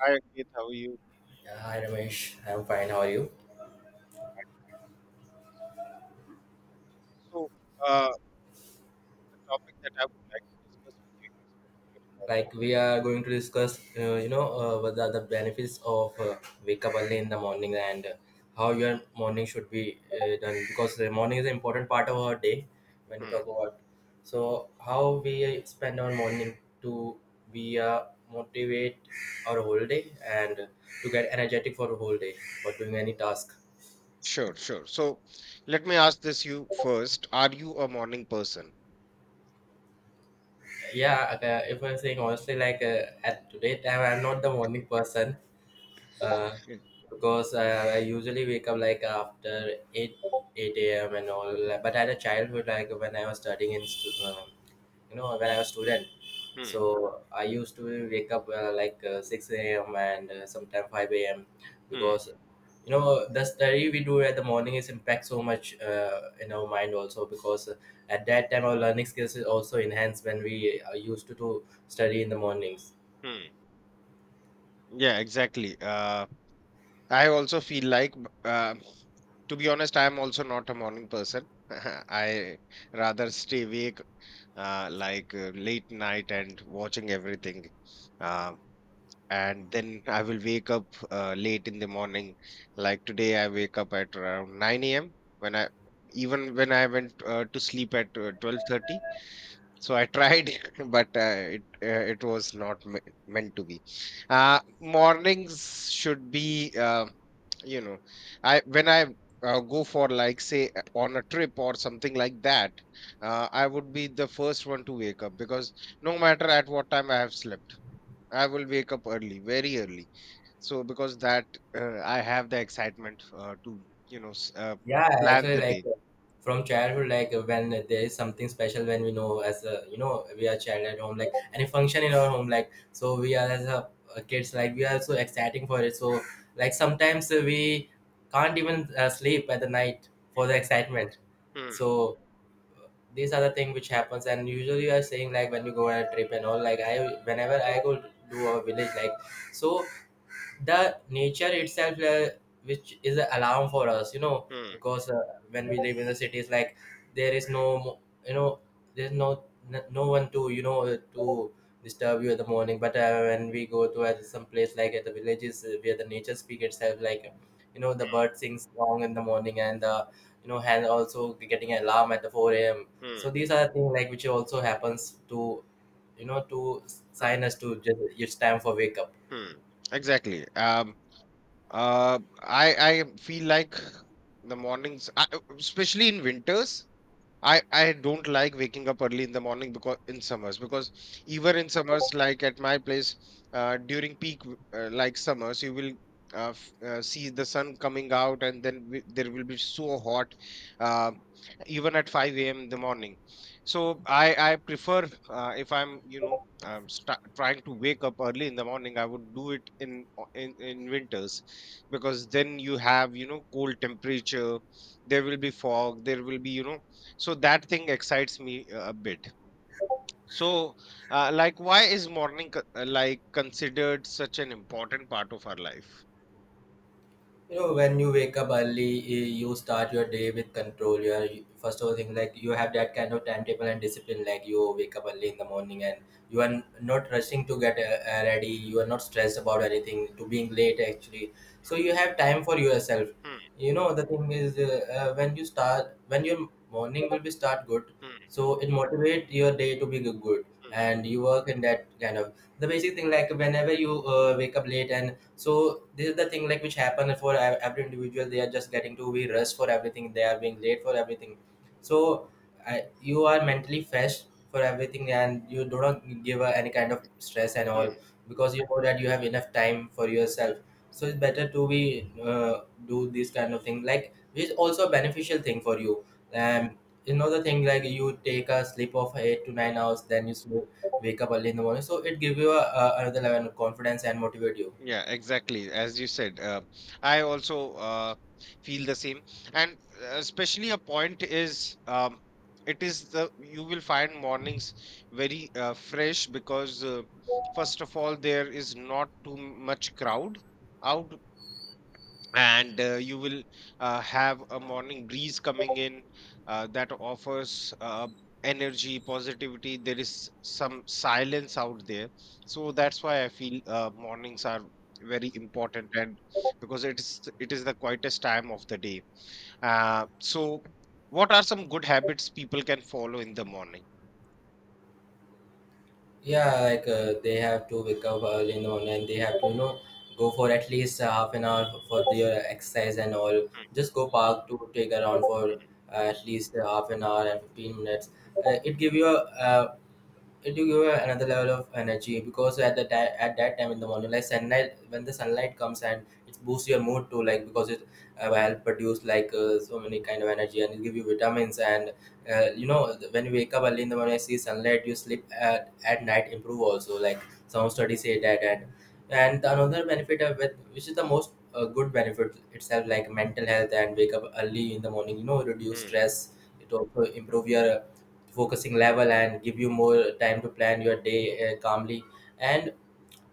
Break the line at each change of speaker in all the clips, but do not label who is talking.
Hi, Ankit. How are you?
Yeah, hi Ramesh, I'm fine. How are you?
So, uh, the topic that I would like to discuss with you in this particular
Like we are going to discuss, what are the benefits of wake up early in the morning and how your morning should be done because the morning is an important part of our day when we
Hmm.
talk about. So how we spend our morning to be motivate our whole day and to get energetic for the whole day for doing any task.
Sure, sure. Let me ask this you first. Are you a morning person?
Yeah, okay, if I'm saying honestly, like at today time, I'm not the morning person, uh,
Hmm.
because I usually wake up like after 8 a.m. and all. But I had a childhood like when I was studying in, stu- you know, when I was student.
Hmm.
So I used to wake up like 6 a.m. and sometimes 5 a.m.
Hmm.
because the study we do at the morning is impact so much in our mind also because at that time our learning skills is also enhanced when we are used to do study in the mornings.
Hmm. Yeah, exactly. I also feel like, to be honest, I am also not a morning person. I rather stay awake, late night and watching everything. Um, and then I will wake up late in the morning. Like today, I wake up at around 9 a.m. when I even when I went to sleep at 12:30. So I tried, but it was not meant to be. Mornings should be, you know, I when I go for like say on a trip or something like that, I would be the first one to wake up because no matter at what time I have slept. I will wake up early, very early. So because that I have the excitement to you know s- uh,
Yeah,
plan
actually,
the
like
day.
from childhood, like when there is something special, when we know as a we are child at home, like any function in our home, like so we are as a, kids, like we are so exciting for it. So like sometimes we can't even sleep at the night for the excitement.
Hmm,
So these are the things which happens, and usually you are saying like when you go on a trip and all, like I whenever I go do a village, like so the nature itself, which is an alarm for us,
hmm, hmm,
because when we live in the cities, like there is no mo- you know there's no no one to to disturb you in the morning, but when we go to some place like at the villages, where the nature speak itself, like the bird sings song in the morning, and the, and also getting an alarm at the 4 a.m.
hmm, hmm,
So these are things like which also happens to, to
hmm,
sign us to just it's time for wake up.
hmm. Exactly. Uh. I I feel like the mornings, especially in winters. I don't like waking up early in the morning because in summers because even in summers like at my place during peak like summers you will see the sun coming out and then there will be so hot uh, even at 5 a.m. in the morning, so I prefer if I'm you know sta trying to wake up early in the morning I would do it in o- in in winters, because then you have, you know, cold temperature, there will be fog, there will be, you know. So that thing excites me a bit. So like why is morning like considered such an important part of our life?
When you wake up early, you start your day with control. You are first of all thing like you have that kind of timetable and discipline, like you wake up early in the morning and you are not rushing to get ready. You are not stressed about anything to being late actually, so you have time for yourself.
Hmm,
The thing is, when your morning will be start good,
hmm,
so it motivate your day to be good,
hmm,
and you work in that kind of. The basic thing like whenever you wake up late, and so this is the thing like which happen for every individual. They are just getting to be rushed for everything, they are being late for everything. So you are mentally fresh for everything, and you do not give any kind of stress and all
hmm,
because you know that you have enough time for yourself, so it's better to be, do this kind of thing like it's also a beneficial thing for
hmm,
you. um another thing, like you take a sleep of eight to nine
hmm.
hours then you sleep, wake up early in the morning, so it give you another level of confidence and motivate you.
Yeah, exactly, as you said, I also feel the same. And especially a point is, it is, the, you will find mornings very fresh because first of all there is not too much crowd out. And you will have a morning breeze coming in that offers energy, positivity, there is some silence out there. So that's why I feel mornings are very important. And because it is, it is the quietest time of the day. So what are some good habits people can follow in the morning?
Yeah, like they have to wake up early in the morning, and they have to, go for at least half an hour for their exercise and all. Just go park to take around for
Hmm,
at least half an hour and 15 minutes. It give you it will give you another level of energy because at the at that time in the morning like sunlight, when the sunlight comes and it boosts your mood too, like because it will help produce like so many kind of energy, and it give you vitamins. And when you wake up early in the morning and see sunlight, you sleep at, night improve also, like some studies say that. And the another benefit of it, which is the most good benefit itself like mental health, and wake up early in the morning, reduce
hmm,
stress. It also improve your focusing level and give you more time to plan your day calmly, and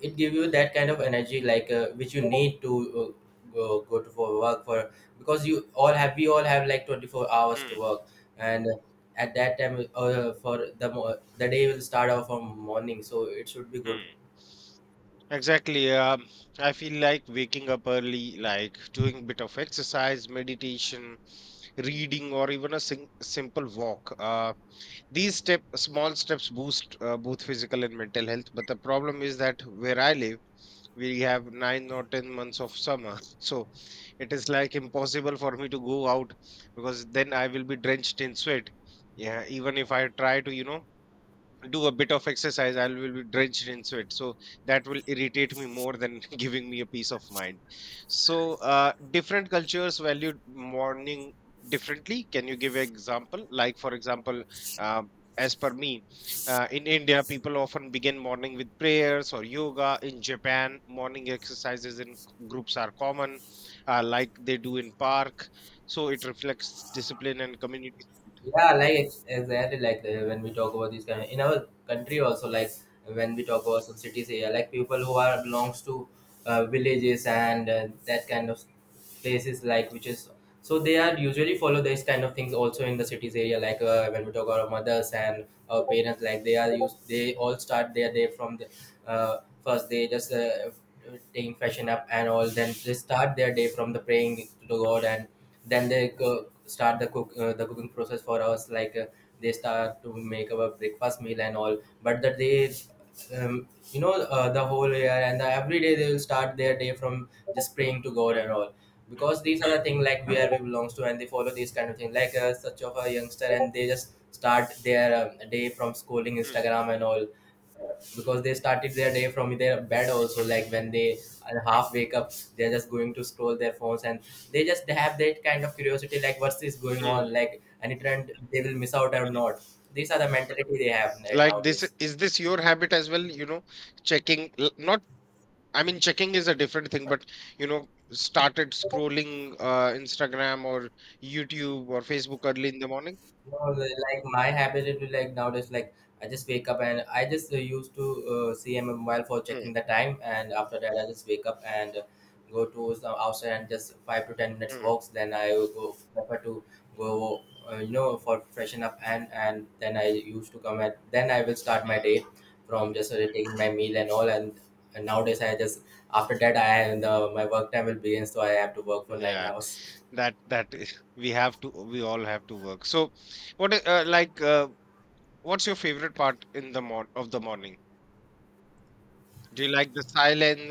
it give you that kind of energy, like which you need to go to for work for, because you all have we all have like 24 hours
hmm,
to work. And at that time, the day will start off from morning, so it should be good.
hmm. Exactly. I feel like waking up early, like doing bit of exercise, meditation, reading or even a simple walk, these step small steps boost both physical and mental health. But the problem is that where I live we have 9 or 10 months of summer so it is like impossible for me to go out because then I will be drenched in sweat. Yeah, even if I try to, you know, do a bit of exercise, I will be drenched in sweat. So that will irritate me more than giving me a peace of mind. So different cultures value morning differently. Can you give an example? Like for example, um, as per me, in India, people often begin morning with prayers or yoga. In Japan, morning exercises in groups are common, like they do in park. So it reflects discipline and community.
Yeah, like exactly, like when we talk about this kind of, in our country also, like when we talk about some cities here, like people who are belongs to villages and that kind of places like which is, so they are usually follow these kind of things also in the cities area, like when we talk about our mothers and our parents, like they are used they all start their day from the, first they just taking fashion
Mm,
up and all, then they start their day from the praying to the god, and then they go start the cooking process for us, like they start to make our breakfast meal and all. But the day, um, the whole year and every day they will start their day from just praying to god
mm,
and all, because these are the thing like where we belongs to. And they follow these kind of thing like such of a youngster, and they just start their day from scrolling
mm,
Instagram and all, because they started their day from their bed
mm,
also,
mm,
like when they are half wake up, they're just going to scroll their phones. And they just have that kind of curiosity like what's this going
mm,
on, like any trend they will miss out or
mm.
not. These are the mentality they have
Like, this
nowadays.
is this your habit as well, you know, checking, not, I mean checking is a different thing, but you know, started scrolling Instagram or YouTube or Facebook early in the morning?
No, like my habit, it will like nowadays, like I just wake up and I just used to see my mobile for checking
Hmm,
the time, and after that I just wake up and go to some outside and just 5 to 10 minutes
hmm,
walks, then I will go prefer to go for freshen up. And then I used to come at, then I will start my
hmm.
day from just taking my meal and all. And nowadays I just, after that, I the my work time will begin, so I have to work for nine
Yeah,
hours
that, that is, we have to, we all have to work. So what i- uh, like uh, what's your favorite part in the of the morning? Do you like the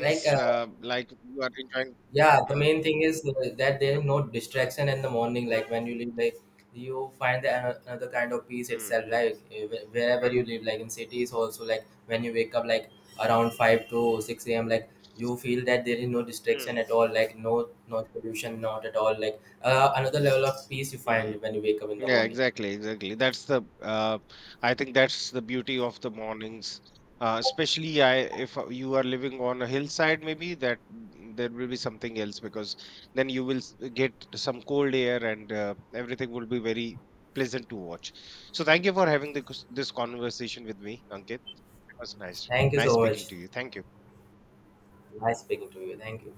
like uh,
like you are enjoying?
Yeah,
Hmm,
the main thing is that there is no
hmm,
distraction in the morning. Like when you live, like you find another kind of peace
hmm,
itself. Like wherever you live, like in cities also, like when you wake up, like around five to six a.m., like you feel that there is no
hmm,
distraction at all. Like no, no pollution, not at all. Like another level of peace you
hmm.
find when you wake up in the
Yeah,
morning.
exactly, exactly. That's the I think that's the beauty of the mornings. Especially I, if you are living on a hillside, maybe that mm, there will be something else because then you will get some cold air and everything will be very pleasant to watch. So thank you for having this conversation with me, Ankit. It was nice,
Thank you
nice
so
speaking
much.
to you. Thank you.
Nice speaking to you. Thank you.